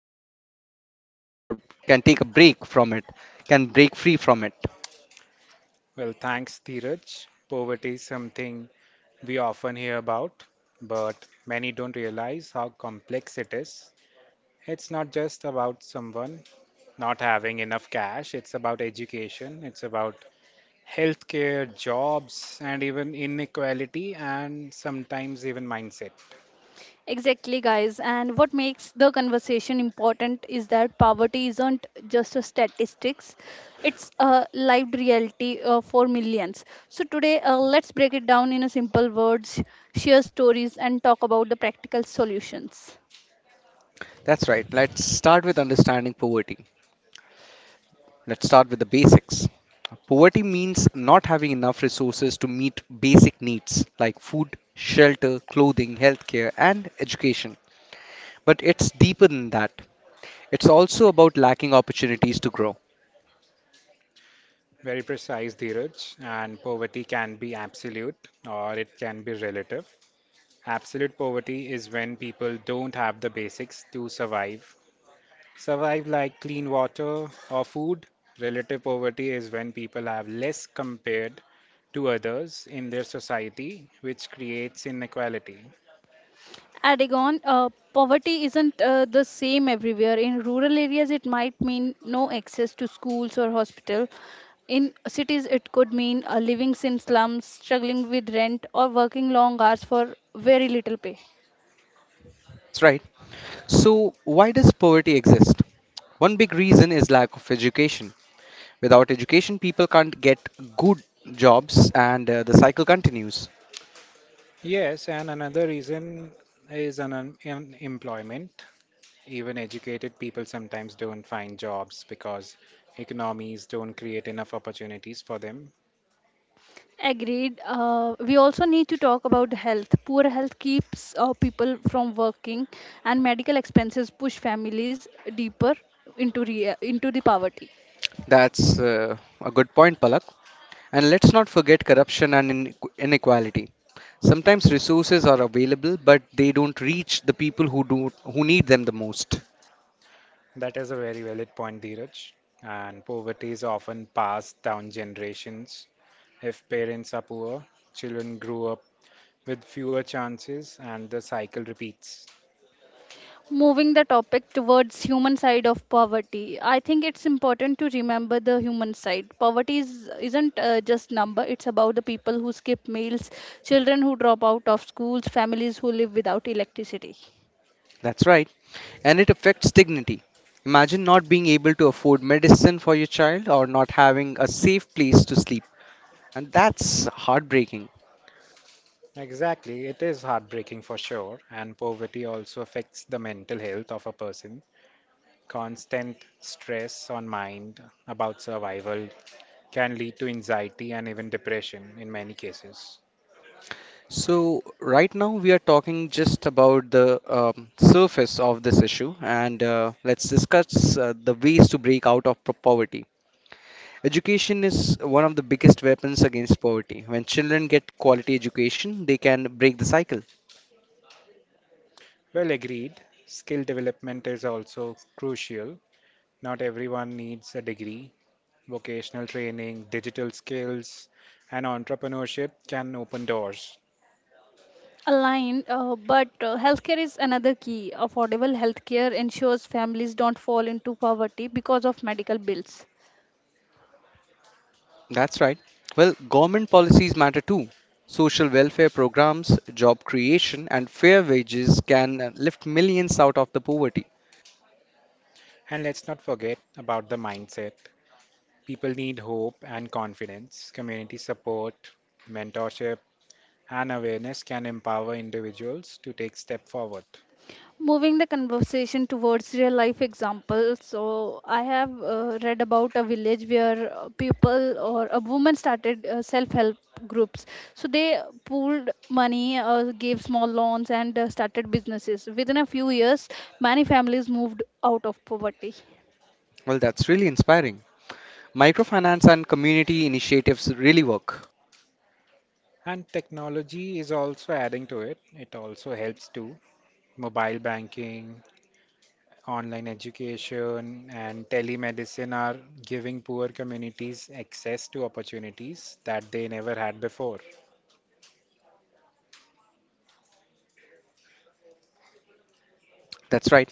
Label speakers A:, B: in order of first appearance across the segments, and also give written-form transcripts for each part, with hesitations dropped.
A: take or can take a break from it, can break free from it.
B: Well, thanks, Dheeraj. Poverty is something we often hear about, but many don't realize how complex it is. It's not just about someone not having enough cash, it's about education, it's about healthcare, jobs, and even inequality, and sometimes even mindset.
C: Exactly, guys. And what makes the conversation important is that poverty isn't just a statistics; it's a lived reality for millions. So today, let's break it down in a simple words, share stories, and talk about the practical solutions.
A: That's right. Let's start with understanding poverty. Let's start with the basics. Poverty means not having enough resources to meet basic needs like food, shelter, clothing, healthcare, and education. But it's deeper than that. It's also about lacking opportunities to grow.
B: Very precise, Dheeraj. And poverty can be absolute or it can be relative. Absolute poverty is when people don't have the basics to survive like clean water or food. Relative poverty is when people have less compared to others in their society, which creates inequality.
C: Aragon, poverty isn't the same everywhere. In rural areas, it might mean no access to schools or hospital. In cities, it could mean living in slums, struggling with rent, or working long hours for very little pay.
A: That's right. So, why does poverty exist? One big reason is lack of education. Without education, people can't get good jobs and the cycle continues.
B: Yes, and another reason is an unemployment. Even educated people sometimes don't find jobs because economies don't create enough opportunities for them.
C: Agreed. We also need to talk about health. Poor health keeps people from working, and medical expenses push families deeper into the poverty.
A: That's a good point, Palak. And let's not forget corruption and inequality. Sometimes resources are available, but they don't reach the people who do who need them the most.
B: That is a very valid point, Dheeraj. And poverty is often passed down generations. If parents are poor, children grow up with fewer chances, and the cycle repeats.
C: Moving the topic towards human side of poverty, I think it's important to remember the human side. Poverty isn't just number. It's about the people who skip meals, children who drop out of schools, families who live without electricity.
A: That's right. And it affects dignity. Imagine not being able to afford medicine for your child or not having a safe place to sleep. And that's heartbreaking.
B: Exactly, it is heartbreaking for sure, and poverty also affects the mental health of a person. Constant stress on mind about survival can lead to anxiety and even depression in many cases.
A: So, right now we are talking just about the surface of this issue, and let's discuss the ways to break out of poverty. Education is one of the biggest weapons against poverty. When children get quality education, they can break the cycle.
B: Well, agreed. Skill development is also crucial. Not everyone needs a degree. Vocational training, digital skills, and entrepreneurship can open doors.
C: Aligned, but healthcare is another key. Affordable healthcare ensures families don't fall into poverty because of medical bills.
A: That's right. Well, government policies matter too. Social welfare programs, job creation, and fair wages can lift millions out of the poverty.
B: And let's not forget about the mindset. People need hope and confidence. Community support, mentorship, and awareness can empower individuals to take step forward.
C: Moving the conversation towards real life examples, so I have read about a village where people or a woman started self help groups. So they pooled money, gave small loans, and started businesses. Within a few years, many families moved out of poverty.
A: Well, that's really inspiring. Microfinance and community initiatives really work.
B: And technology is also adding to it. It also helps too. Mobile banking, online education, and telemedicine are giving poor communities access to opportunities that they never had before.
A: That's right.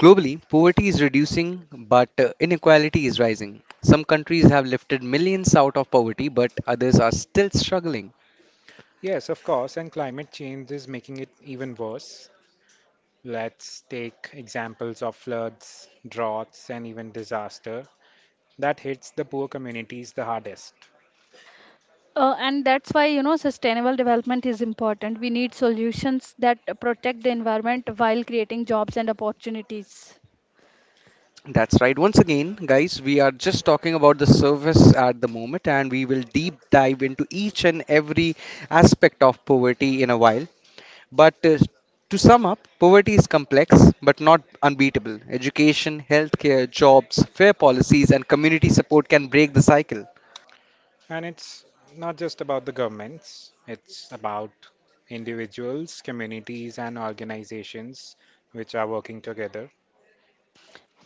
A: Globally, poverty is reducing, but inequality is rising. Some countries have lifted millions out of poverty, but others are still struggling.
B: Yes, of course, and climate change is making it even worse. Let's take examples of floods, droughts, and even disaster that hits the poor communities the hardest.
C: And that's why you know sustainable development is important. We need solutions that protect the environment while creating jobs and opportunities.
A: That's right. Once again, guys, we are just talking about the service at the moment, and we will deep dive into each and every aspect of poverty in a while. But To sum up, poverty is complex but not unbeatable. Education, healthcare, jobs, fair policies, and community support can break the cycle.
B: And it's not just about the governments, it's about individuals, communities, and organizations which are working together.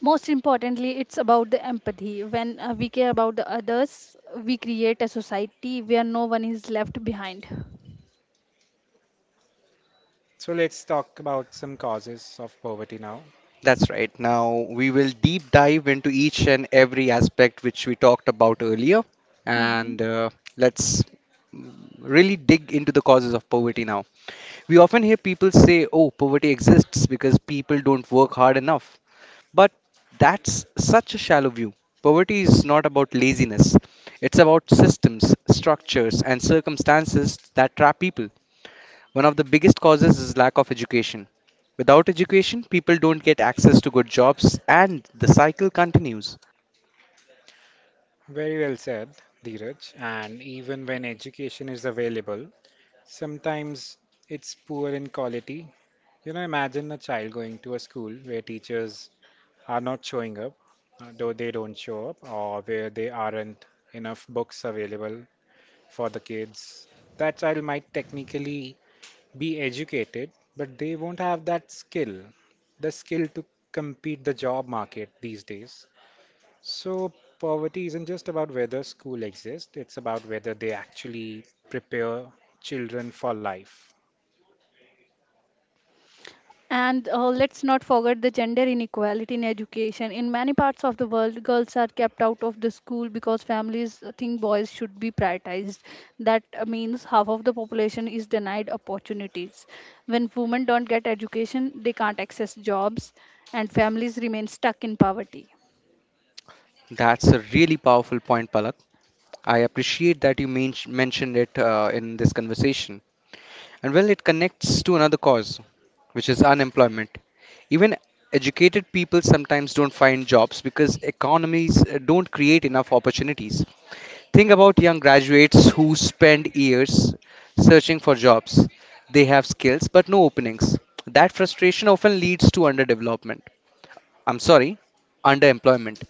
C: Most importantly, it's about the empathy. When we care about the others, we create a society where no one is left behind.
B: So let's talk about some causes of poverty now.
A: That's right. Now we will deep dive into each and every aspect which we talked about earlier,
C: Hmm.
A: and let's really dig into the causes of poverty now. We often hear people say, oh, poverty exists because people don't work hard enough. But that's such a shallow view. Poverty is not about laziness, it's about systems, structures, and circumstances that trap people. One of the biggest causes is lack of education. Without education, people don't get access to good jobs and the cycle continues.
B: Very well said, Dheeraj. And even when education is available, sometimes it's poor in quality. You know, imagine a child going to a school where teachers are not showing up, though they don't show up, or where there aren't enough books available for the kids. That child might technically be educated, but they won't have that skill, the skill to compete the job market these days. So poverty isn't just about whether school exists, it's about whether they actually prepare children for life.
C: And let's not forget the gender inequality in education. In many parts of the world, girls are kept out of the school because families think boys should be prioritized. That means half of the population is denied opportunities. When women don't get education, they can't access jobs, and families remain stuck in poverty.
A: That's a really powerful point, Palak. I appreciate that you mentioned it in this conversation. And well, it connects to another cause, which is unemployment. Even educated people sometimes don't find jobs because economies don't create enough opportunities. Think about young graduates who spend years searching for jobs. They have skills but no openings. That frustration often leads to underdevelopment. I'm sorry, underemployment.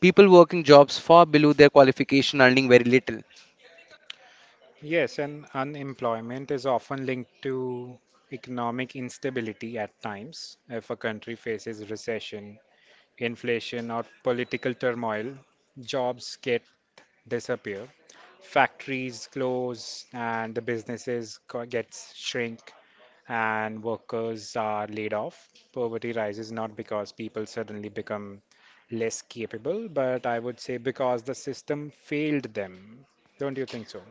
A: People working jobs far below their qualification earning very little.
B: Yes, and unemployment is often linked to economic instability at times. If a country faces recession, inflation, or political turmoil, jobs get disappear, factories close, and the businesses gets shrink, and workers are laid off. Poverty rises not because people suddenly become less capable, but I would say because the system failed them. Don't you think so?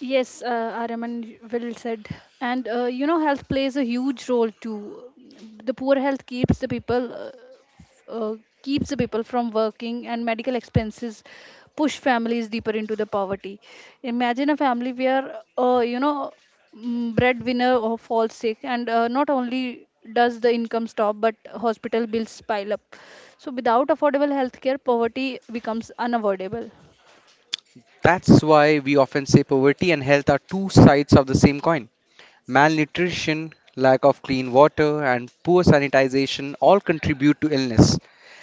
C: Yes, Araman, well said. And you know, health plays a huge role too. The poor health f- uh, keeps the people from working, and medical expenses push families deeper into the poverty. Imagine a family where breadwinner or falls sick, and not only does the income stop, but hospital bills pile up. So without affordable healthcare, poverty becomes unavoidable.
A: That's why we often say poverty and health are two sides of the same coin. Malnutrition, lack of clean water, and poor sanitization all contribute to illness.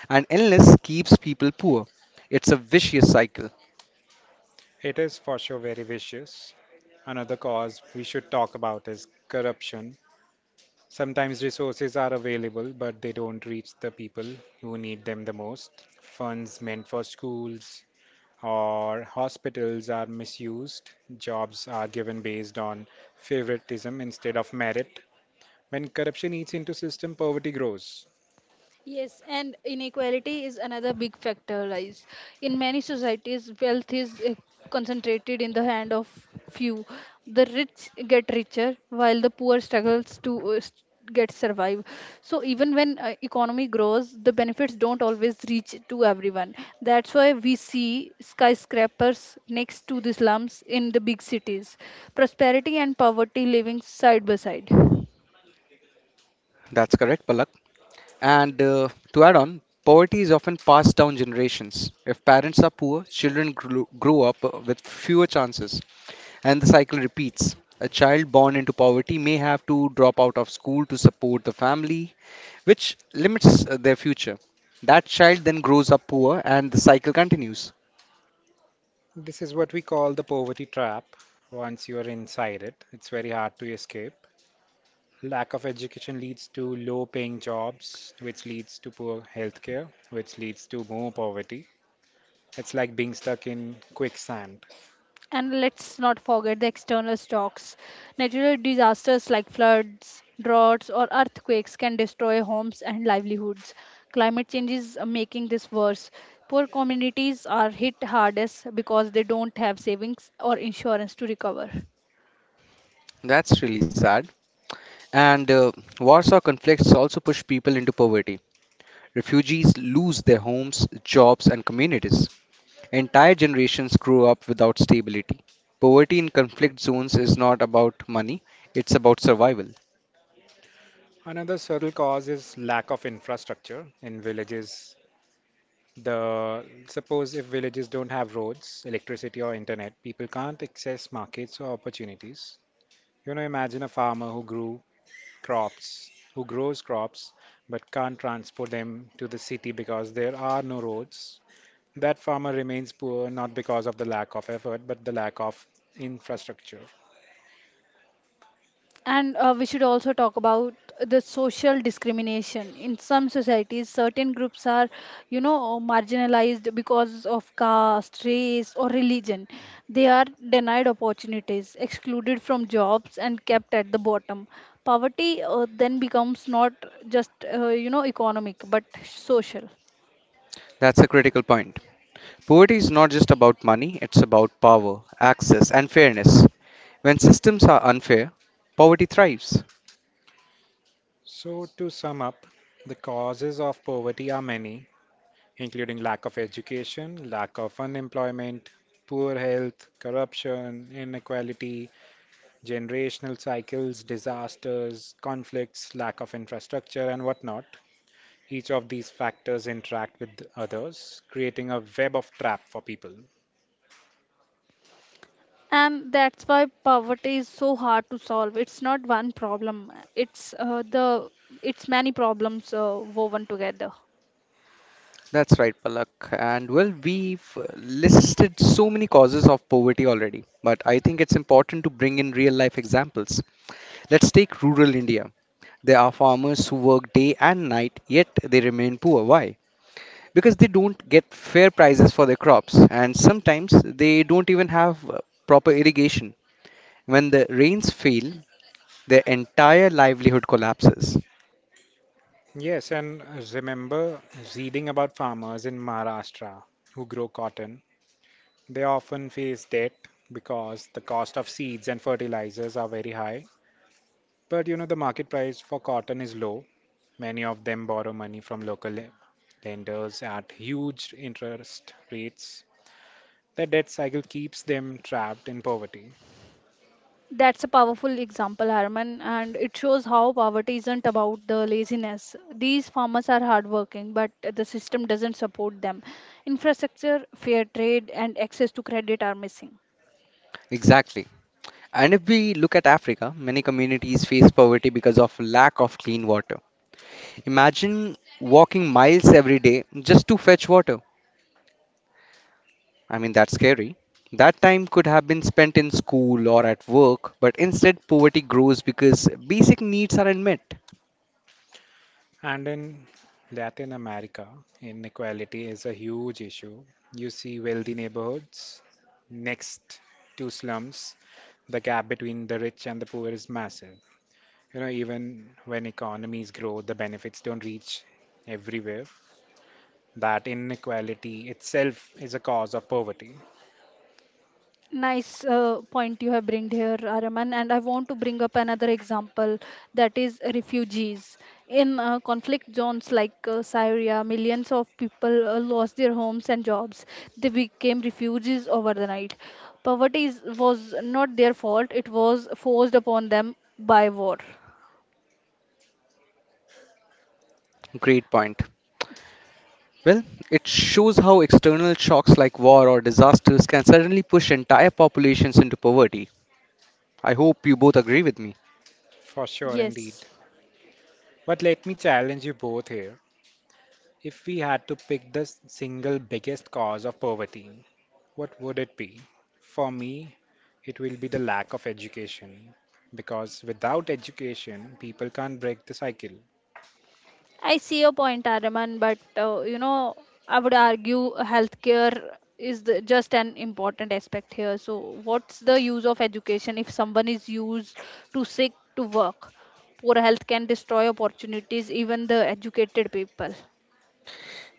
A: And illness keeps people poor. It's a vicious cycle.
B: It is for sure very vicious. Another cause we should talk about is corruption. Sometimes resources are available, but they don't reach the people who need them the most. Funds meant for schools or hospitals are misused. Jobs are given based on favoritism instead of merit. When corruption eats into system, poverty grows.
C: Yes, and inequality is another big factor, Rise. In many societies, wealth is concentrated in the hand of few. The rich get richer, while the poor struggles to get survive. So even when economy grows, the benefits don't always reach to everyone. That's why we see skyscrapers next to the slums in the big cities. Prosperity and poverty living side by side.
A: That's correct, Palak. And to add on, poverty is often passed down generations. If parents are poor, grow up with fewer chances, and the cycle repeats. A child born into poverty may have to drop out of school to support the family, which limits their future. That child then grows up poor, and the cycle continues.
B: This is what we call the poverty trap. Once you are inside it, it's very hard to escape. Lack of education leads to low paying jobs, which leads to poor healthcare, which leads to more poverty. It's like being stuck in quicksand.
C: And let's not forget the external shocks. Natural disasters like floods, droughts, or earthquakes can destroy homes and livelihoods. Climate change is making this worse. Poor communities are hit hardest because they don't have savings or insurance to recover.
A: That's really sad. And Warsaw conflicts also push people into poverty. Refugees lose their homes, jobs, and communities. Entire generations grew up without stability. Poverty in conflict zones is not about money, it's about survival.
B: Another subtle cause is lack of infrastructure in villages. The suppose if villages don't have roads, electricity or internet, people can't access markets or opportunities. You know, imagine a farmer who grew crops, who grows crops but can't transport them to the city because there are no roads. That farmer remains poor not because of the lack of effort, but the lack of infrastructure.
C: And we should also talk about the social discrimination. In some societies, certain groups are marginalized because of caste, race, or religion. They are denied opportunities, excluded from jobs, and kept at the bottom. Poverty then becomes not just, economic, but social.
A: That's a critical point. Poverty is not just about money, it's about power, access, and fairness. When systems are unfair, poverty thrives.
B: So, to sum up, the causes of poverty are many, including lack of education, lack of unemployment, poor health, corruption, inequality, generational cycles, disasters, conflicts, lack of infrastructure, and whatnot. Each of these factors interact with others, creating a web of trap for people.
C: And that's why poverty is so hard to solve. It's not one problem. It's many problems woven together.
A: That's right, Palak. And well, we've listed so many causes of poverty already, but I think it's important to bring in real life examples. Let's take rural India. There are farmers who work day and night, yet they remain poor. Why? Because they don't get fair prices for their crops and sometimes they don't even have proper irrigation. When the rains fail, their entire livelihood collapses.
B: Yes, and remember reading about farmers in Maharashtra who grow cotton. They often face debt because the cost of seeds and fertilizers are very high. But you know, the market price for cotton is low. Many of them borrow money from local lenders at huge interest rates. The debt cycle keeps them trapped in poverty.
C: That's a powerful example, Harman, and it shows how poverty isn't about the laziness. These farmers are hardworking, but the system doesn't support them. Infrastructure, fair trade, and access to credit are missing.
A: Exactly. And if we look at Africa, many communities face poverty because of lack of clean water. Imagine walking miles every day just to fetch water. I mean, that's scary. That time could have been spent in school or at work, but instead, poverty grows because basic needs aren't met.
B: And in Latin America, inequality is a huge issue. You see wealthy neighborhoods next to slums. The gap between the rich and the poor is massive. You know, even when economies grow, the benefits don't reach everywhere. That inequality itself is a cause of poverty.
C: Nice point you have bring here, Araman, and I want to bring up another example that is refugees. In conflict zones like Syria, millions of people lost their homes and jobs. They became refugees overnight. Poverty was not their fault; it was forced upon them by war.
A: Great point. Well, it shows how external shocks like war or disasters can suddenly push entire populations into poverty. I hope you both agree with me.
B: For sure, indeed.
C: Yes.
B: But let me challenge you both here. If we had to pick the single biggest cause of poverty, what would it be? For me, it will be the lack of education. Because without education, people can't break the cycle.
C: I see your point, Araman, but I would argue healthcare is just an important aspect here. So, what's the use of education if someone is used to sick to work? Poor health can destroy opportunities, even the educated people.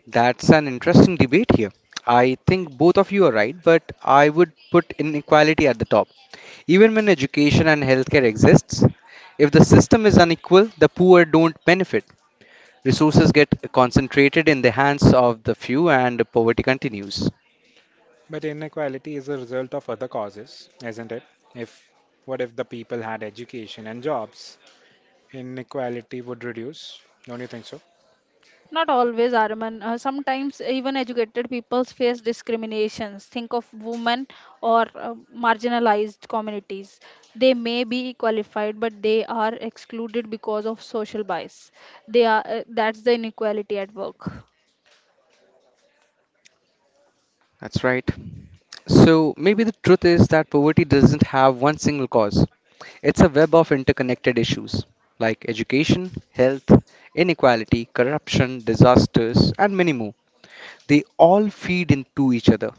A: That's an interesting debate here. I think both of you are right, but I would put inequality at the top. Even when education and healthcare exists, if the system is unequal, the poor don't benefit. Resources get concentrated in the hands of the few and poverty continues.
B: But inequality is a result of other causes, isn't it? If what if the people had education and jobs, inequality would reduce. Don't you think so?
C: Not always, Arman. Sometimes even educated people face discriminations. Think of women or marginalized communities. They may be qualified, but they are excluded because of social bias. They are that's the inequality at work.
A: That's right. So maybe the truth is that poverty doesn't have one single cause. It's a web of interconnected issues like education, health, inequality, corruption, disasters, and many more. They all feed into each other.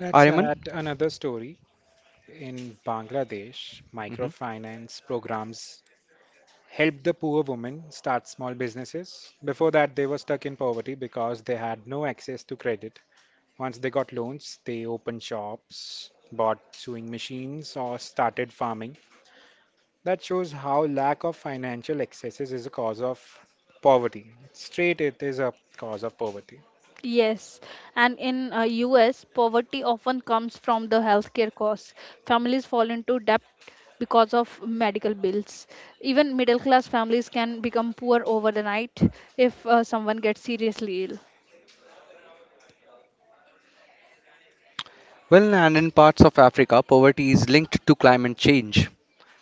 B: Let's
A: Ariman?
B: add another story. In Bangladesh,
A: hmm
B: microfinance programs helped the poor women start small businesses. Before that, they were stuck in poverty because they had no access to credit. Once they got loans, they opened shops, bought sewing machines, or started farming. That shows how lack of financial accesses is a cause of poverty. Straight, it is a cause of poverty.
C: Yes, and in US, poverty often comes from the healthcare costs. Families fall into debt because of medical bills. Even middle class families can become poor over the night if someone gets seriously ill.
A: Well, and in parts of Africa, poverty is linked to climate change.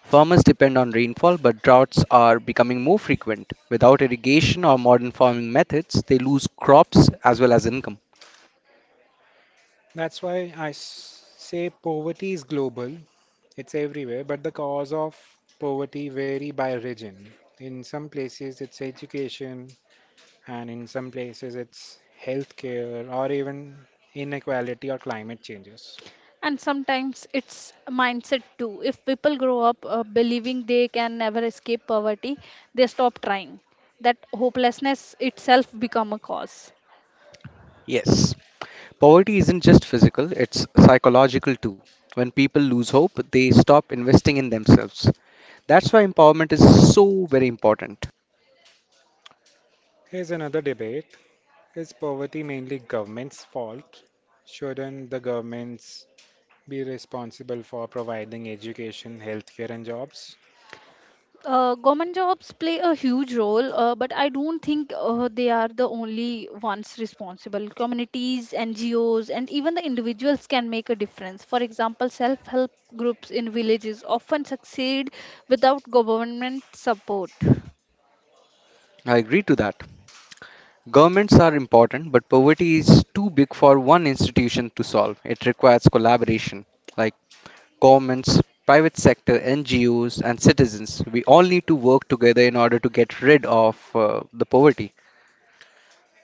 A: Farmers depend on rainfall, but droughts are becoming more frequent. Without irrigation or modern farming methods, they lose crops as well as income.
B: That's why I say poverty is global, it's everywhere, but the cause of poverty vary by region. In some places, it's education, and in some places, it's healthcare, or even inequality or climate changes.
C: And sometimes it's a mindset too. If people grow up believing they can never escape poverty, they stop trying. That hopelessness itself become a cause.
A: Yes. Poverty isn't just physical, it's psychological too. When people lose hope, they stop investing in themselves. That's why empowerment is so very important.
B: Here's another debate. Is poverty mainly government's fault? Shouldn't the governments be responsible for providing education, healthcare, and jobs.
C: Government jobs play a huge role, but I don't think they are the only ones responsible. Communities, NGOs, and even the individuals can make a difference. For example, self help groups in villages often succeed without government support.
A: I agree to that. Governments are important, but poverty is too big for one institution to solve. It requires collaboration, like governments, private sector, NGOs, and citizens. We all need to work together in order to get rid of the poverty.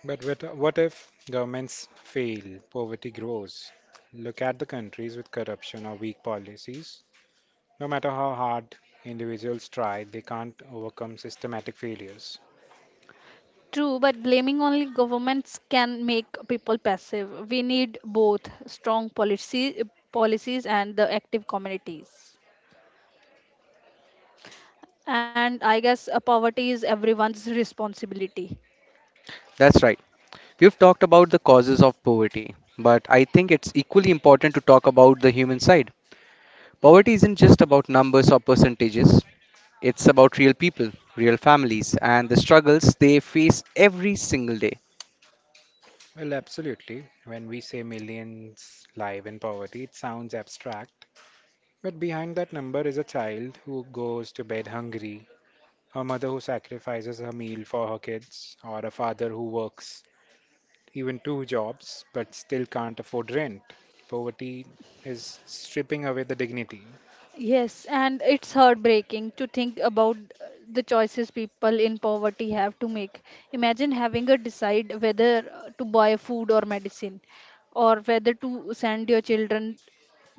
B: But what if governments fail, poverty grows? Look at the countries with corruption or weak policies. No matter how hard individuals try, they can't overcome systematic failures.
C: True, but blaming only governments can make people passive. We need both strong policies and the active communities. And I guess poverty is everyone's responsibility.
A: That's right. We've talked about the causes of poverty, but I think it's equally important to talk about the human side. Poverty isn't just about numbers or percentages, it's about real people, real families, and the struggles they face every single day.
B: Well, absolutely. When we say millions live in poverty, it sounds abstract. But behind that number is a child who goes to bed hungry, a mother who sacrifices her meal for her kids, or a father who works even two jobs, but still can't afford rent. Poverty is stripping away the dignity.
C: Yes, and it's heartbreaking to think about the choices people in poverty have to make. Imagine having to decide whether to buy food or medicine, or whether to send your children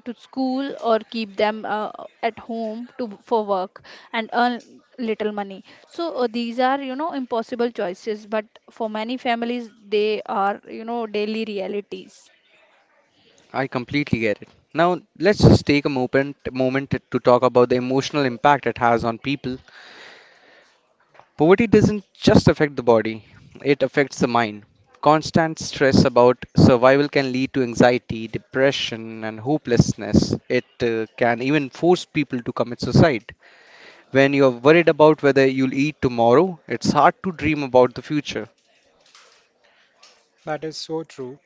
C: to school or keep them at home to for work and earn little money. So these are impossible choices, but for many families, they are daily realities.
A: I completely get it. Now, let's just take a moment to talk about the emotional impact it has on people. Poverty doesn't just affect the body, it affects the mind. Constant stress about survival can lead to anxiety, depression, and hopelessness. It can even force people to commit suicide. When you're worried about whether you'll eat tomorrow, it's hard to dream about the future.
B: That is so true.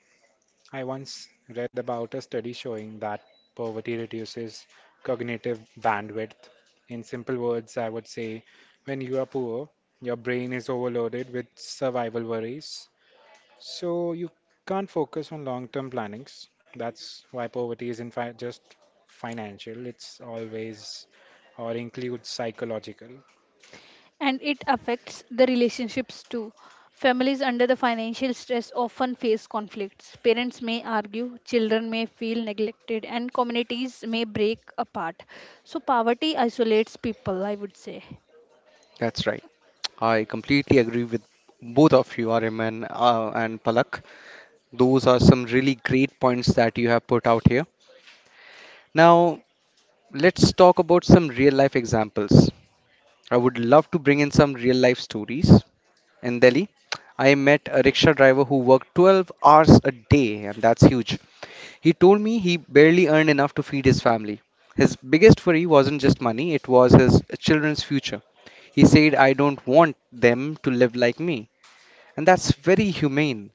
B: I once read about a study showing that poverty reduces cognitive bandwidth. In simple words, I would say when you are poor, your brain is overloaded with survival worries, so you can't focus on long term plannings. That's why poverty isn't just financial, it's always or includes psychological.
C: And it affects the relationships too. Families under the financial stress often face conflicts. Parents may argue, children may feel neglected, and communities may break apart. So, poverty isolates people, I would say.
A: That's right. I completely agree with both of you, Ariman and Palak. Those are some really great points that you have put out here. Now, let's talk about some real life examples. I would love to bring in some real life stories. In Delhi, I met a rickshaw driver who worked 12 hours a day, and that's huge. He told me he barely earned enough to feed his family. His biggest worry wasn't just money, it was his children's future. He said, I don't want them to live like me. And that's very humane.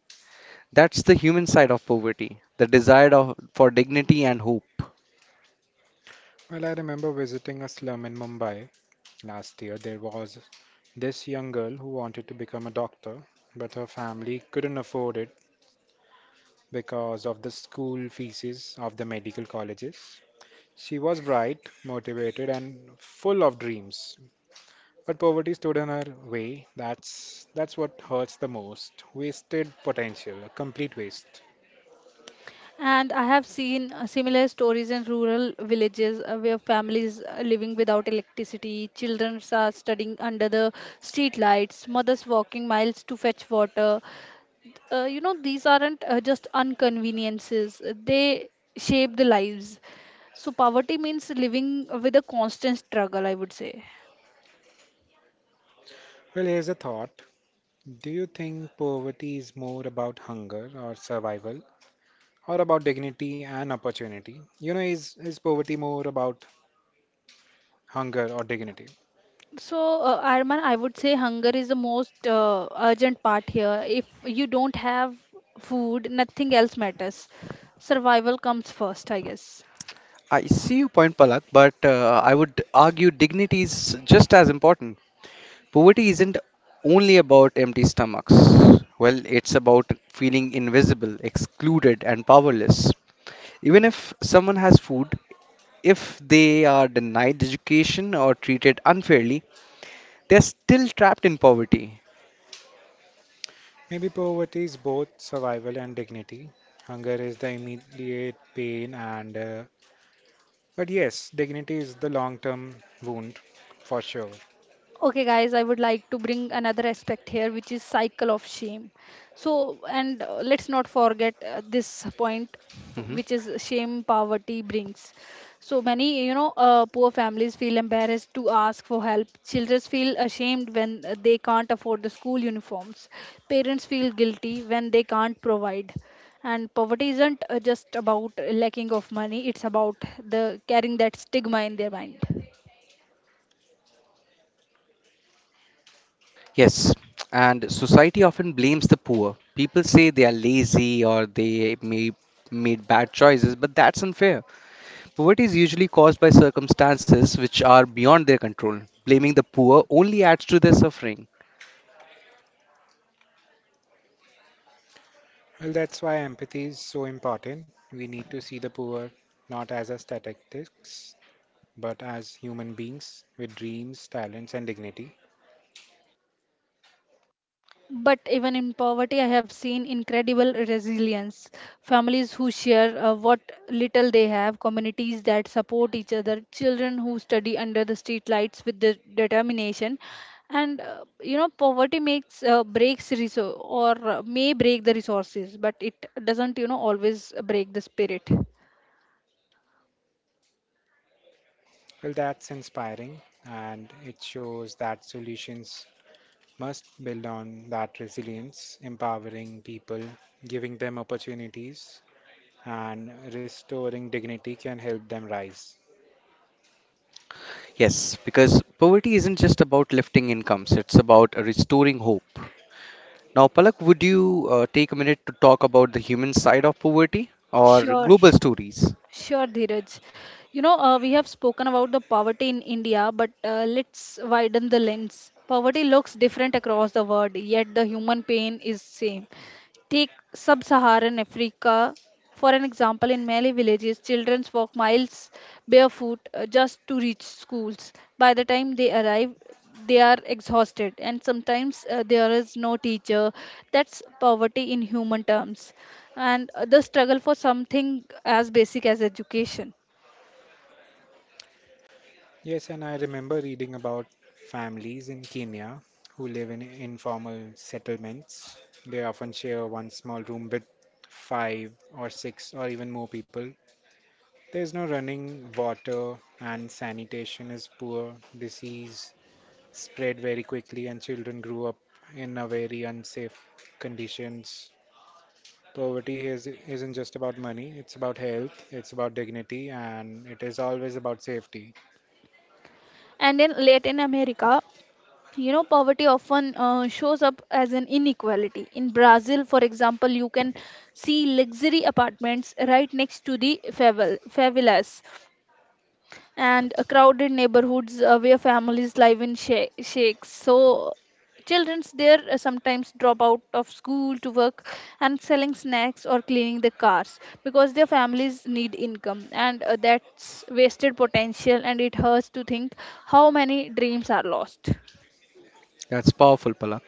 A: That's the human side of poverty, the desire of, for dignity and hope.
B: Well, I remember visiting a slum in Mumbai last year. There was this young girl who wanted to become a doctor, but her family couldn't afford it because of the school fees of the medical colleges. She was bright, motivated, and full of dreams, but poverty stood in her way. That's what hurts the most. Wasted potential, a complete waste.
C: And I have seen similar stories in rural villages where families are living without electricity, children are studying under the street lights, mothers walking miles to fetch water. These aren't just inconveniences, they shape the lives. So, poverty means living with a constant struggle, I would say.
B: Well, here's a thought. Do you think poverty is more about hunger or survival? Or about dignity and opportunity? You know, is poverty more about hunger or dignity?
C: So, Arman, I would say hunger is the most urgent part here. If you don't have food, nothing else matters. Survival comes first, I guess.
A: I see your point, Palak, but I would argue dignity is just as important. Poverty isn't only about empty stomachs. Well, it's about feeling invisible, excluded, and powerless. Even if someone has food, if they are denied education or treated unfairly, they're still trapped in poverty.
B: Maybe poverty is both survival and dignity. Hunger is the immediate pain, and but yes, dignity is the long term wound for sure.
C: Okay, guys, I would like to bring another aspect here, which is cycle of shame. So and let's not forget this point
A: Mhm.
C: which is shame poverty brings. So many poor families feel embarrassed to ask for help. Children feel ashamed when they can't afford the school uniforms. Parents feel guilty when they can't provide. And poverty isn't just about lacking of money. It's about the carrying that stigma in their mind.
A: Yes, and society often blames the poor. People say they are lazy or they may made bad choices, but that's unfair. Poverty is usually caused by circumstances which are beyond their control. Blaming the poor only adds to their suffering.
B: Well, that's why empathy is so important. We need to see the poor not as a statistics, but as human beings with dreams, talents, and dignity.
C: But even in poverty, I have seen incredible resilience. Families who share what little they have, communities that support each other, children who study under the streetlights with the determination. And poverty makes breaks resource or may break the resources, but it doesn't always break the spirit.
B: Well, that's inspiring, and it shows that solutions must build on that resilience, empowering people, giving them opportunities, and restoring dignity can help them rise.
A: Yes, because poverty isn't just about lifting incomes, it's about restoring hope. Now, Palak, would you take a minute to talk about the human side of poverty or
C: Sure.
A: global stories?
C: Sure, Dheeraj. You know, we have spoken about the poverty in India, but let's widen the lens. Poverty looks different across the world, yet the human pain is same. Take sub Saharan Africa, for an example, in Malay villages, children walk miles barefoot just to reach schools. By the time they arrive, they are exhausted, and sometimes there is no teacher. That's poverty in human terms, and the struggle for something as basic as education.
B: Yes, and I remember reading about families in Kenya who live in informal settlements. They often share one small room with five or six or even more people. There's no running water, and sanitation is poor. Disease spread very quickly, and children grew up in a very unsafe conditions. Poverty isn't just about money, it's about health, it's about dignity, and it is always about safety.
C: And in Latin America, poverty often shows up as an inequality. In Brazil, for example, you can see luxury apartments right next to the favelas and crowded neighborhoods where families live in shakes. So children's there sometimes drop out of school to work and selling snacks or cleaning the cars because their families need income, and that's wasted potential, and it hurts to think how many dreams are lost.
A: That's powerful, Palak.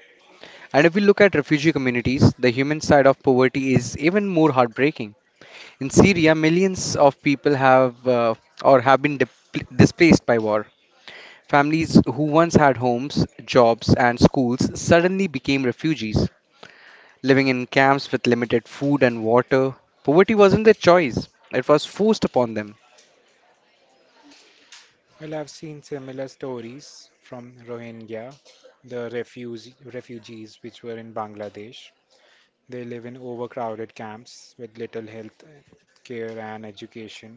A: And if we look at refugee communities, the human side of poverty is even more heartbreaking. In Syria, millions of people have been displaced by war. Families who once had homes, jobs, and schools suddenly became refugees, living in camps with limited food and water. Poverty wasn't their choice, it was forced upon them.
B: Well, I've seen similar stories from Rohingya, the refugees which were in Bangladesh. They live in overcrowded camps with little health care and education.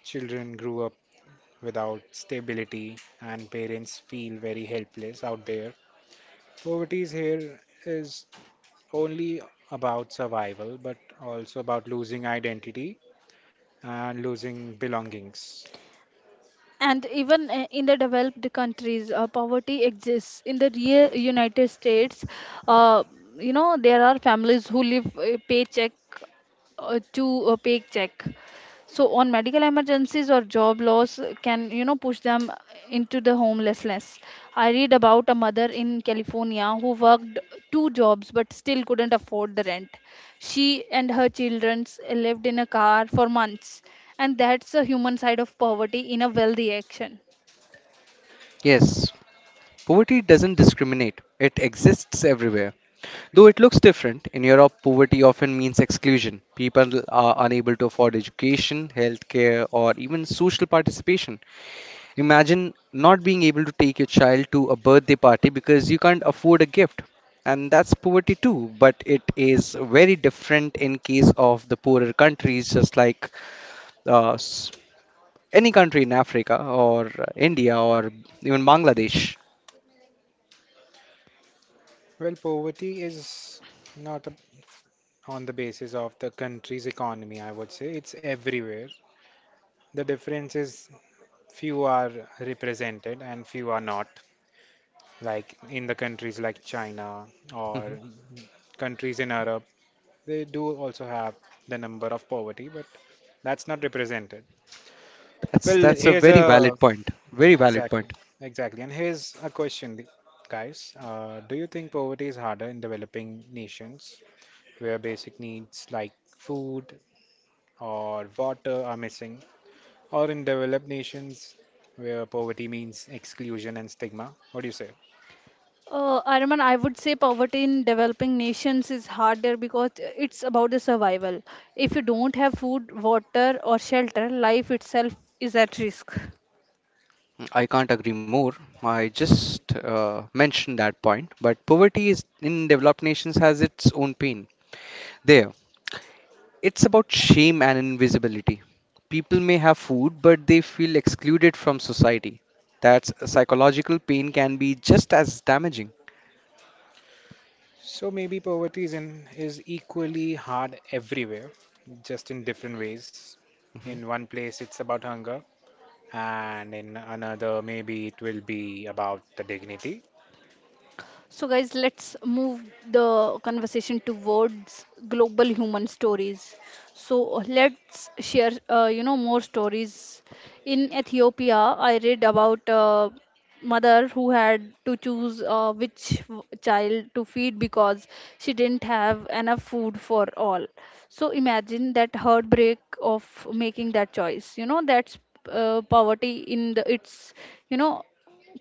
B: Children grew up without stability, and parents feel very helpless out there. Poverty is here is only about survival, but also about losing identity and losing belongings.
C: And even in the developed countries, poverty exists. In the real United States, uh, there are families who live paycheck to a pay check, so on medical emergencies or job loss can push them into the homelessness. I read about a mother in California who worked two jobs but still couldn't afford the rent. She and her children lived in a car for months, and that's the human side of poverty in a wealthy action.
A: Yes, poverty doesn't discriminate, it exists everywhere. Though it looks different, in Europe, poverty often means exclusion. People are unable to afford education, healthcare, or even social participation. Imagine not being able to take your child to a birthday party because you can't afford a gift. And that's poverty too, but it is very different in case of the poorer countries, just like uh, s- any country in Africa or India or even Bangladesh.
B: Well, poverty is not on the basis of the country's economy, I would say. It's everywhere. The difference is few are represented and few are not, like in the countries like China or
A: Mhm.
B: countries in Europe. They do also have the number of poverty, but that's not represented.
A: That's
B: Well,
A: that's a
B: here's
A: very
B: a.
A: valid point. Very
B: Yeah,
A: valid
B: exactly,
A: point.
B: exactly. And here's a question, guys. Do you think poverty is harder in developing nations where basic needs like food or water are missing, or in developed nations where poverty means exclusion and stigma? What do you say?
C: Arman, I would say poverty in developing nations is harder because it's about the survival. If you don't have food, water, or shelter, life itself is at risk.
A: I can't agree more. I just mentioned that point. But poverty is in developed nations has its own pain. There, it's about shame and invisibility. People may have food, but they feel excluded from society. That's psychological pain can be just as damaging.
B: So maybe poverty is equally hard everywhere, just in different ways.
A: Mhm.
B: In one place, it's about hunger, and in another, maybe it will be about the dignity.
C: So, guys, let's move the conversation towards global human stories. So, let's share, more stories. In Ethiopia, I read about a mother who had to choose which child to feed because she didn't have enough food for all. So, imagine that heartbreak of making that choice. You know, that's poverty in its, you know,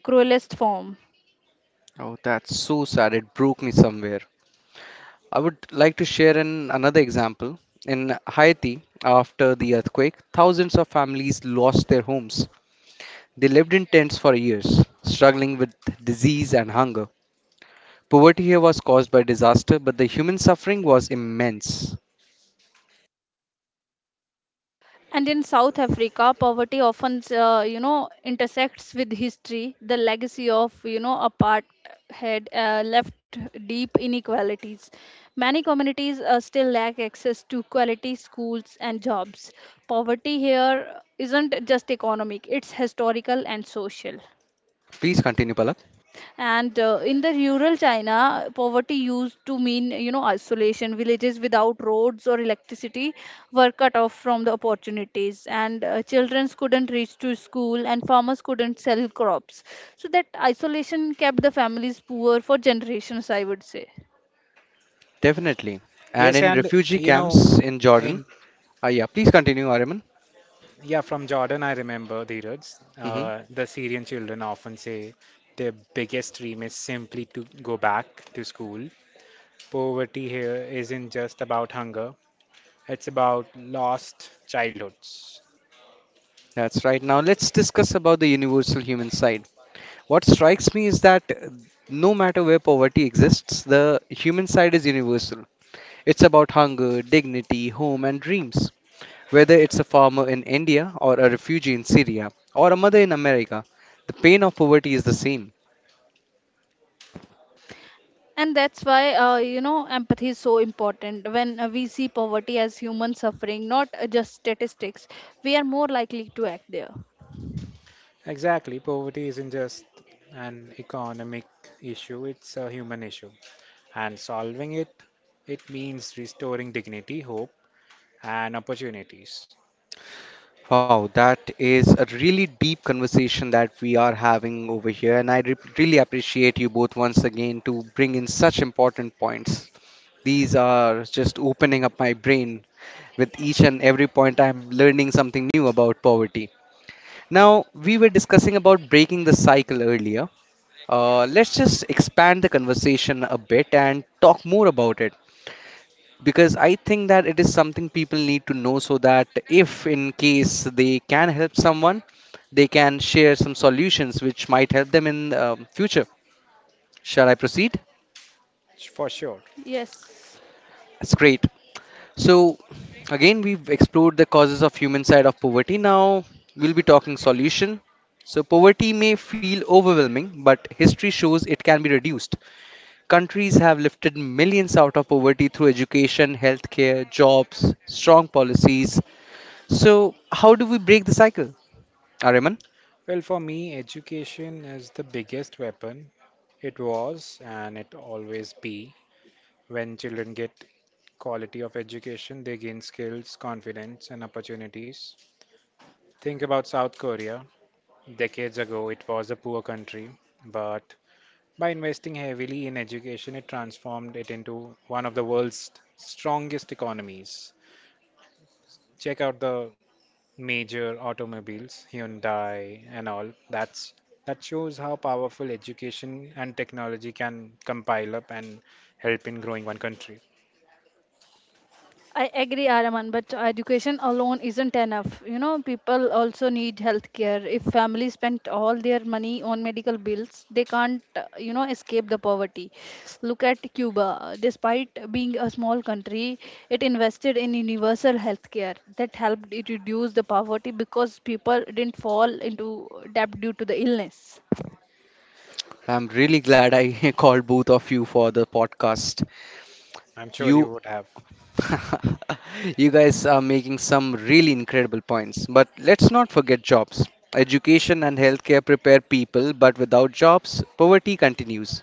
C: cruelest form.
A: Oh, that's so sad. It broke me somewhere. I would like to share another example. In Haiti, after the earthquake, thousands of families lost their homes. They lived in tents for years, struggling with disease and hunger. Poverty here was caused by disaster, but the human suffering was immense.
C: And in South Africa, poverty often, intersects with history. The legacy of, apartheid had left deep inequalities. Many communities still lack access to quality schools and jobs. Poverty here isn't just economic; it's historical and social.
A: Please continue, Palak.
C: And in the rural China, poverty used to mean, isolation. Villages without roads or electricity were cut off from the opportunities, and children couldn't reach to school, and farmers couldn't sell crops. So that isolation kept the families poor for generations, I would say.
A: Definitely. And
B: Yes,
A: in
B: and
A: refugee
B: you know,
A: camps in Jordan.
B: and
A: Yeah, please continue, Ariman.
B: yeah, from Jordan, I remember Dheeraj.
A: Hmm.
B: The Syrian children often say their biggest dream is simply to go back to school. Poverty here isn't just about hunger, it's about lost childhoods.
A: That's right. Now let's discuss about the universal human side. What strikes me is that no matter where poverty exists, the human side is universal. It's about hunger, dignity, home, and dreams. Whether it's a farmer in India or a refugee in Syria or a mother in America, the pain of poverty is the same.
C: And that's why, empathy is so important. When we see poverty as human suffering, not just statistics, we are more likely to act there.
B: Exactly, poverty isn't just an economic issue, it's a human issue. And solving it, it means restoring dignity, hope, and opportunities.
A: Wow, that is a really deep conversation that we are having over here, and I really appreciate you both once again to bring in such important points. These are just opening up my brain. With each and every point, I'm learning something new about poverty. Now, we were discussing about breaking the cycle earlier. Let's just expand the conversation a bit and talk more about it, because I think that it is something people need to know so that if in case they can help someone, they can share some solutions which might help them in future. Shall I proceed?
B: For sure.
C: Yes.
A: That's great. So again, we've explored the causes of human side of poverty. Now we'll be talking solution. So poverty may feel overwhelming, but history shows it can be reduced. Countries have lifted millions out of poverty through education, healthcare, jobs, strong policies. So, how do we break the cycle, Ariman?
B: Well, for me, education is the biggest weapon. It was, and it always be. When children get quality of education, they gain skills, confidence, and opportunities. Think about South Korea. Decades ago, it was a poor country, but by investing heavily in education, it transformed it into one of the world's strongest economies. Check out the major automobiles, Hyundai and all. That shows how powerful education and technology can compile up and help in growing one country.
C: I agree, Araman, but education alone isn't enough. You know, people also need health care. If families spend all their money on medical bills, they can't, escape the poverty. Look at Cuba. Despite being a small country, it invested in universal health care that helped it reduce the poverty because people didn't fall into debt due to the illness.
A: I'm really glad I called both of you for the podcast.
B: I'm sure
A: You,
B: you would have.
A: you guys are making some really incredible points. But let's not forget jobs. Education and healthcare prepare people, but without jobs, poverty continues.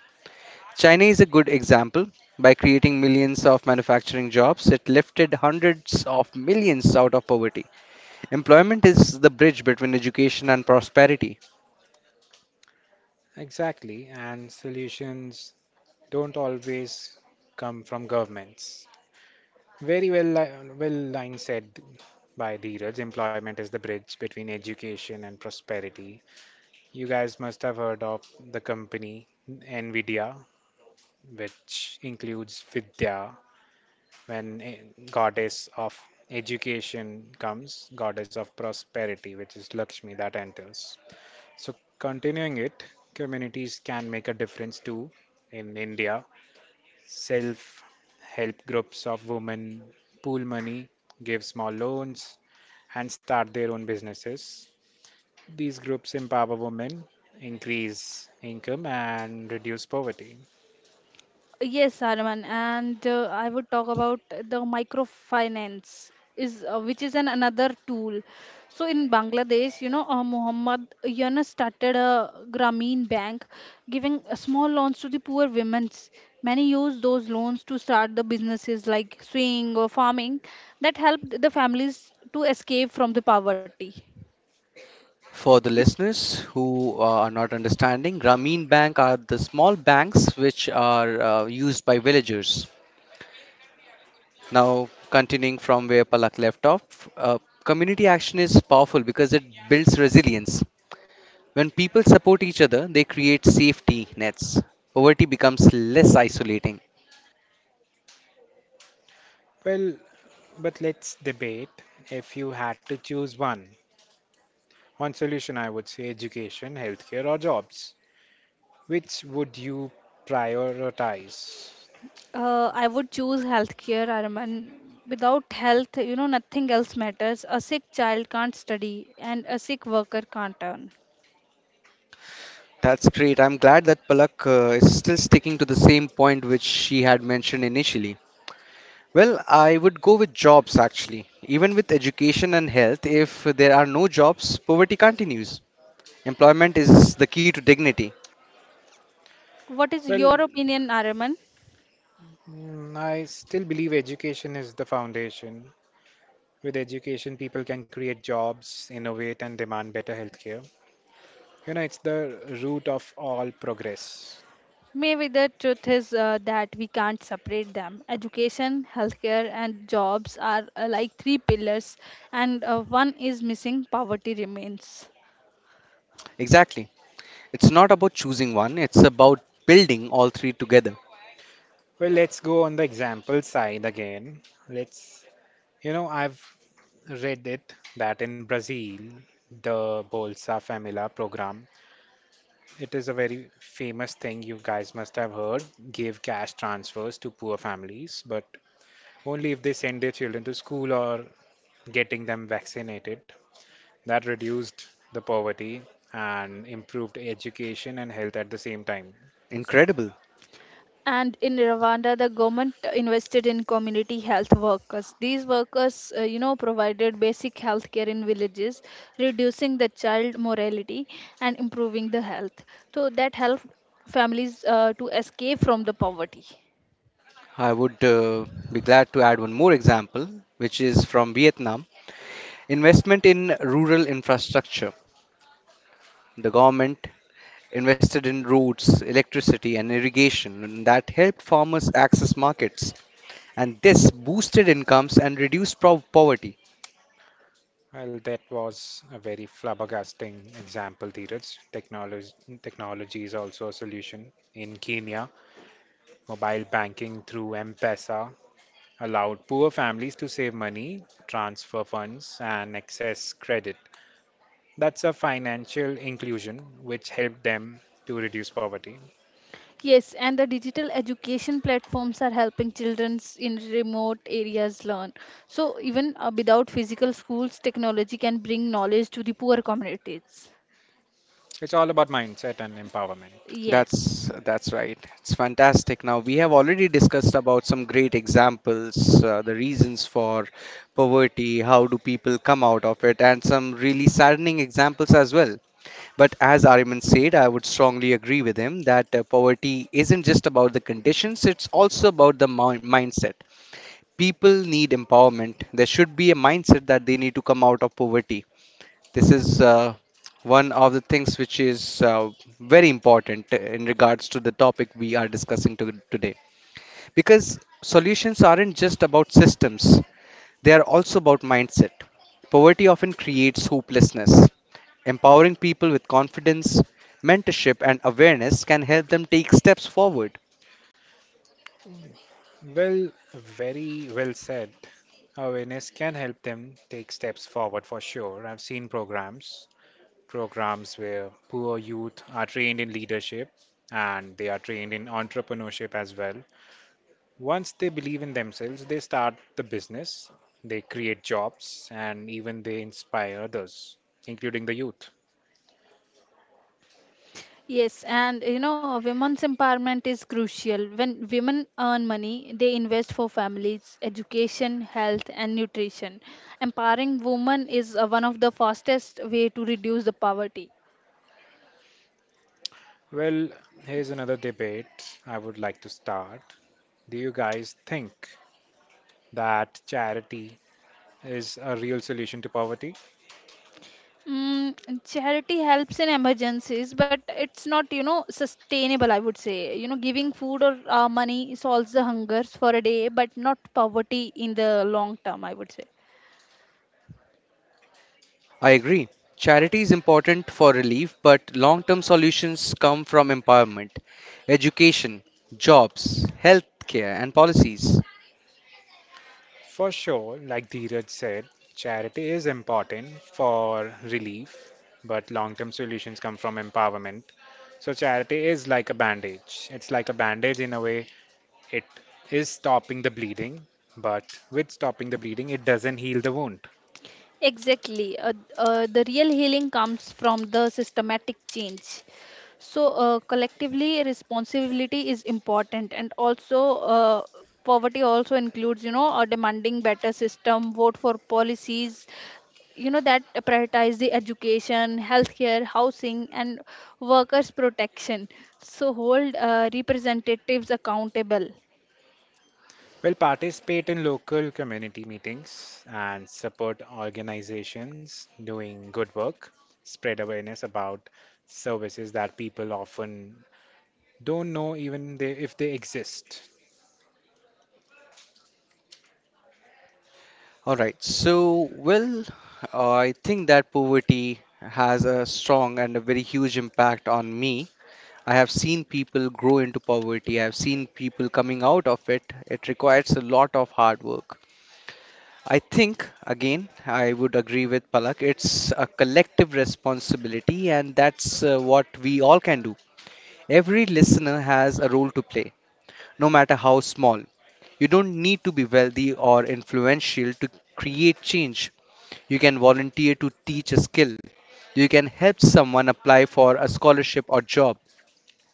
A: China is a good example. By creating millions of manufacturing jobs, it lifted hundreds of millions out of poverty. Employment is the bridge between education and prosperity.
B: Exactly, and solutions don't always come from governments. Very well, well line said by Dheeraj. Employment is the bridge between education and prosperity. You guys must have heard of the company NVIDIA, which includes Vidya. When a goddess of education comes, goddess of prosperity, which is Lakshmi, that enters. So, continuing it, communities can make a difference too. In India, self help groups of women pool money, give small loans, and start their own businesses. These groups empower women, increase income, and reduce poverty.
C: Yes, Arman, and I would talk about the microfinance is which is an another tool. So in Bangladesh, Muhammad Yunus started a Grameen Bank, giving small loans to the poor women. Many used those loans to start the businesses like sewing or farming that helped the families to escape from the poverty.
A: For the listeners who are not understanding, Grameen Bank are the small banks which are used by villagers. Now, continuing from where Palak left off, uh, community action is powerful because it builds resilience. When people support each other, they create safety nets. Poverty becomes less isolating.
B: Well, but let's debate, if you had to choose one. One solution, I would say education, healthcare, or jobs. Which would you prioritize?
C: I would choose healthcare, Araman. Without health, nothing else matters. A sick child can't study, and a sick worker can't earn.
A: That's great. I'm glad that Palak is still sticking to the same point which she had mentioned initially. Well, I would go with jobs actually. Even with education and health, if there are no jobs, poverty continues. Employment is the key to dignity.
C: What is
B: Well,
C: your opinion, Araman?
B: I still believe education is the foundation. With education, people can create jobs, innovate, and demand better healthcare. It's the root of all progress.
C: Maybe the truth is that we can't separate them. Education, healthcare, and jobs are like three pillars, and one is missing, poverty remains.
A: Exactly. It's not about choosing one, it's about building all three together.
B: Well, let's go on the example side again. Let's, I've read it that in Brazil, the Bolsa Família program, it is a very famous thing you guys must have heard, give cash transfers to poor families, but only if they send their children to school or getting them vaccinated. That reduced the poverty and improved education and health at the same time.
A: Incredible.
C: And in Rwanda, the government invested in community health workers. These workers, provided basic health care in villages, reducing the child mortality and improving the health. So that helped families to escape from the poverty.
A: I would be glad to add one more example, which is from Vietnam. Investment in rural infrastructure. The government invested in roads, electricity, and irrigation, and that helped farmers access markets, and this boosted incomes and reduced poverty.
B: Well, that was a very flabbergasting example, Dheeraj. Technology is also a solution. In Kenya, mobile banking through M-Pesa allowed poor families to save money, transfer funds, and access credit. That's a financial inclusion which helped them to reduce poverty.
C: Yes, and the digital education platforms are helping children in remote areas learn. So even without physical schools, technology can bring knowledge to the poor communities.
B: It's all about mindset and empowerment.
C: Yes.
A: That's right. It's fantastic. Now we have already discussed about some great examples, the reasons for poverty, how do people come out of it, and some really saddening examples as well. But as Ariman said, I would strongly agree with him that poverty isn't just about the conditions, it's also about the mindset. People need empowerment. There should be a mindset that they need to come out of poverty. This is one of the things which is very important in regards to the topic we are discussing today. Because solutions aren't just about systems, they are also about mindset. Poverty often creates hopelessness. Empowering people with confidence, mentorship, and awareness can help them take steps forward.
B: Well, very well said. Awareness can help them take steps forward for sure. I've seen programs where poor youth are trained in leadership, and they are trained in entrepreneurship as well. Once they believe in themselves, they start the business, they create jobs, and even they inspire others, including the youth.
C: Yes, and you know, women's empowerment is crucial. When women earn money, they invest for families, education, health, and nutrition. Empowering women is one of the fastest way to reduce the poverty.
B: Well, here's another debate I would like to start. Do you guys think that charity is a real solution to poverty?
C: Mm, charity helps in emergencies, but it's not, sustainable, I would say. You know, giving food or money solves the hungers for a day, but not poverty in the long term, I would say.
A: I agree. Charity is important for relief, but long term solutions come from empowerment, education, jobs, healthcare, and policies.
B: For sure, like Dheeraj said, charity is important for relief, but long term solutions come from empowerment. So, charity is like a bandage. It's like a bandage in a way, it is stopping the bleeding, but with stopping the bleeding, it doesn't heal the wound.
C: Exactly. The real healing comes from the systematic change. So, collectively, responsibility is important, and also poverty also includes, a demanding better system, vote for policies, that prioritize the education, healthcare, housing, and workers' protection. So, hold representatives accountable.
B: Well, participate in local community meetings and support organizations doing good work, spread awareness about services that people often don't know even they, if they exist.
A: Alright, so, well, I think that poverty has a strong and a very huge impact on me. I have seen people grow into poverty, I have seen people coming out of it. It requires a lot of hard work. I think, again, I would agree with Palak. It's a collective responsibility, and that's what we all can do. Every listener has a role to play, no matter how small. You don't need to be wealthy or influential to create change. You can volunteer to teach a skill. You can help someone apply for a scholarship or job.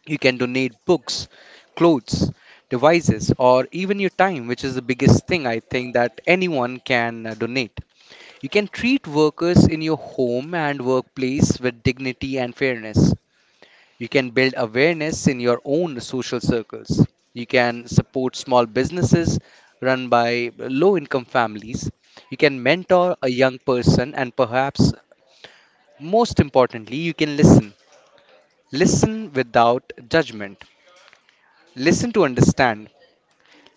A: You can donate books, clothes, devices, or even your time, which is the biggest thing I think that anyone can donate. You can treat workers in your home and workplace with dignity and fairness. You can build awareness in your own social circles. You can support small businesses run by low income families. You can mentor a young person, and perhaps most importantly, you can listen. Listen without judgment. Listen to understand.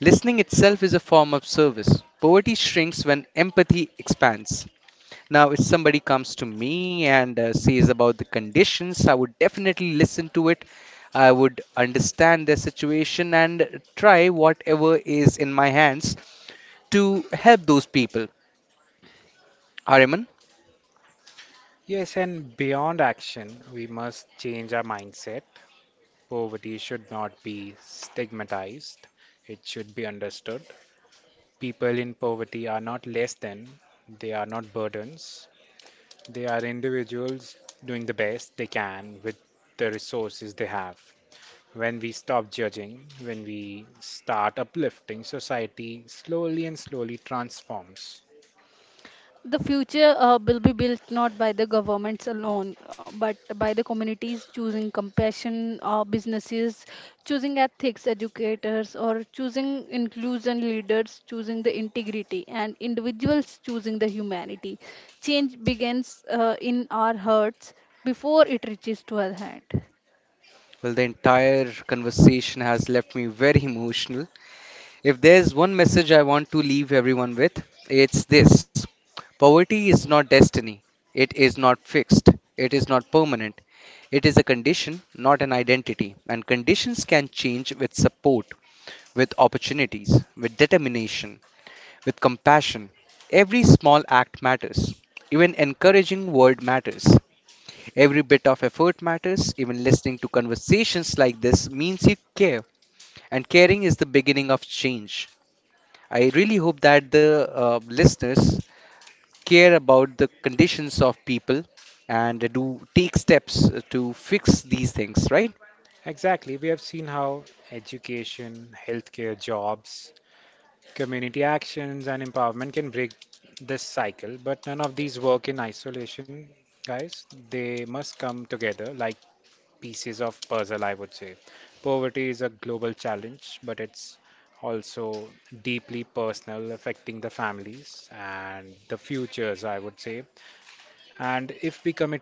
A: Listening itself is a form of service. Poverty shrinks when empathy expands. Now, if somebody comes to me and says about the conditions, I would definitely listen to it. I would understand their situation and try whatever is in my hands to help those people. Ariman,
B: Yes, and beyond action, we must change our mindset. Poverty should not be stigmatized, it should be understood. People in poverty are not less than, they are not burdens. They are individuals doing the best they can with the resources they have. When we stop judging, when we start uplifting, society slowly and slowly transforms.
C: The future will be built not by the governments alone, but by the communities choosing compassion, businesses choosing ethics educators, or choosing inclusion leaders, choosing the integrity, and individuals choosing the humanity. Change begins in our hearts before it reaches to our hand.
A: well, the entire conversation has left me very emotional. If there's one message I want to leave everyone with, it's this: poverty is not destiny, it is not fixed, it is not permanent. It is a condition, not an identity, and conditions can change with support, with opportunities, with determination, with compassion. Every small act matters. Even encouraging word matters. Every bit of effort matters. Even listening to conversations like this means you care, and caring is the beginning of change. I really hope that the listeners care about the conditions of people and do take steps to fix these things, right?
B: Exactly. We have seen how education, healthcare, jobs, community actions and empowerment can break this cycle, but none of these work in isolation, guys. They must come together like pieces of puzzle, I would say. Poverty is a global challenge, but it's also deeply personal, affecting the families and the futures, I would say. And if we commit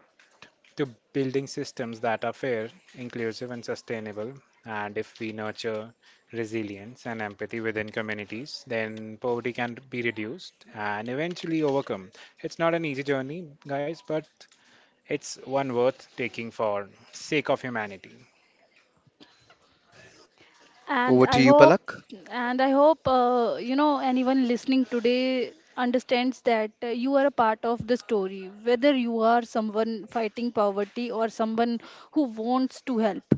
B: to building systems that are fair, inclusive, and sustainable. And if we nurture resilience and empathy within communities, then poverty can be reduced and eventually overcome. It's not an easy journey, guys, but it's one worth taking for sake of humanity.
A: Over to you,
C: and i
A: Palak.
C: hope and I hope anyone listening today understands that you are a part of the story, whether you are someone fighting poverty or someone who wants to help.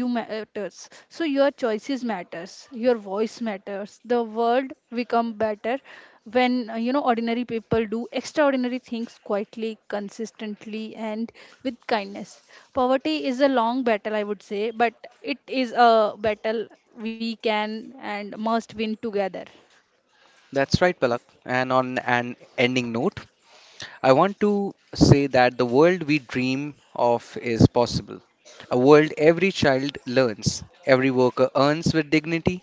C: You matters, so your choices matters, your voice matters. The world become better when ordinary people do extraordinary things quietly, consistently, and with kindness. Poverty is a long battle, I would say, but it is a battle we can and must win together.
A: That's right, Palak. And on an ending note, I want to say that the world we dream of is possible. A world every child learns, every worker earns with dignity,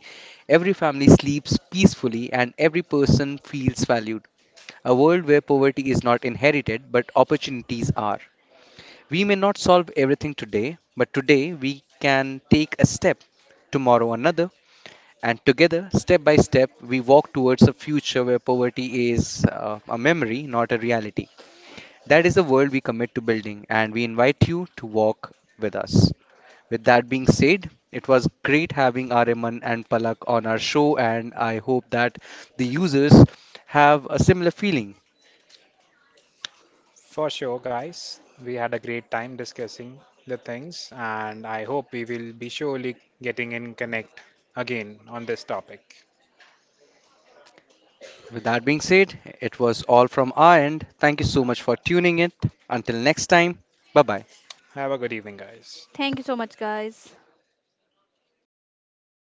A: every family sleeps peacefully, and every person feels valued. A world where poverty is not inherited, but opportunities are. We may not solve everything today, but today we can take a step, tomorrow another, and together, step by step, we walk towards a future where poverty is a memory, not a reality. That is the world we commit to building, and we invite you to walk with us. With that being said, it was great having Ariman and Palak on our show, and I hope that the users have a similar feeling.
B: For sure, guys, we had a great time discussing the things, and I hope we will be surely getting in connect again on this topic.
A: With that being said, it was all from our end. Thank you so much for tuning in. Until next time, bye bye.
B: Have a good evening, guys.
C: Thank you so much, guys.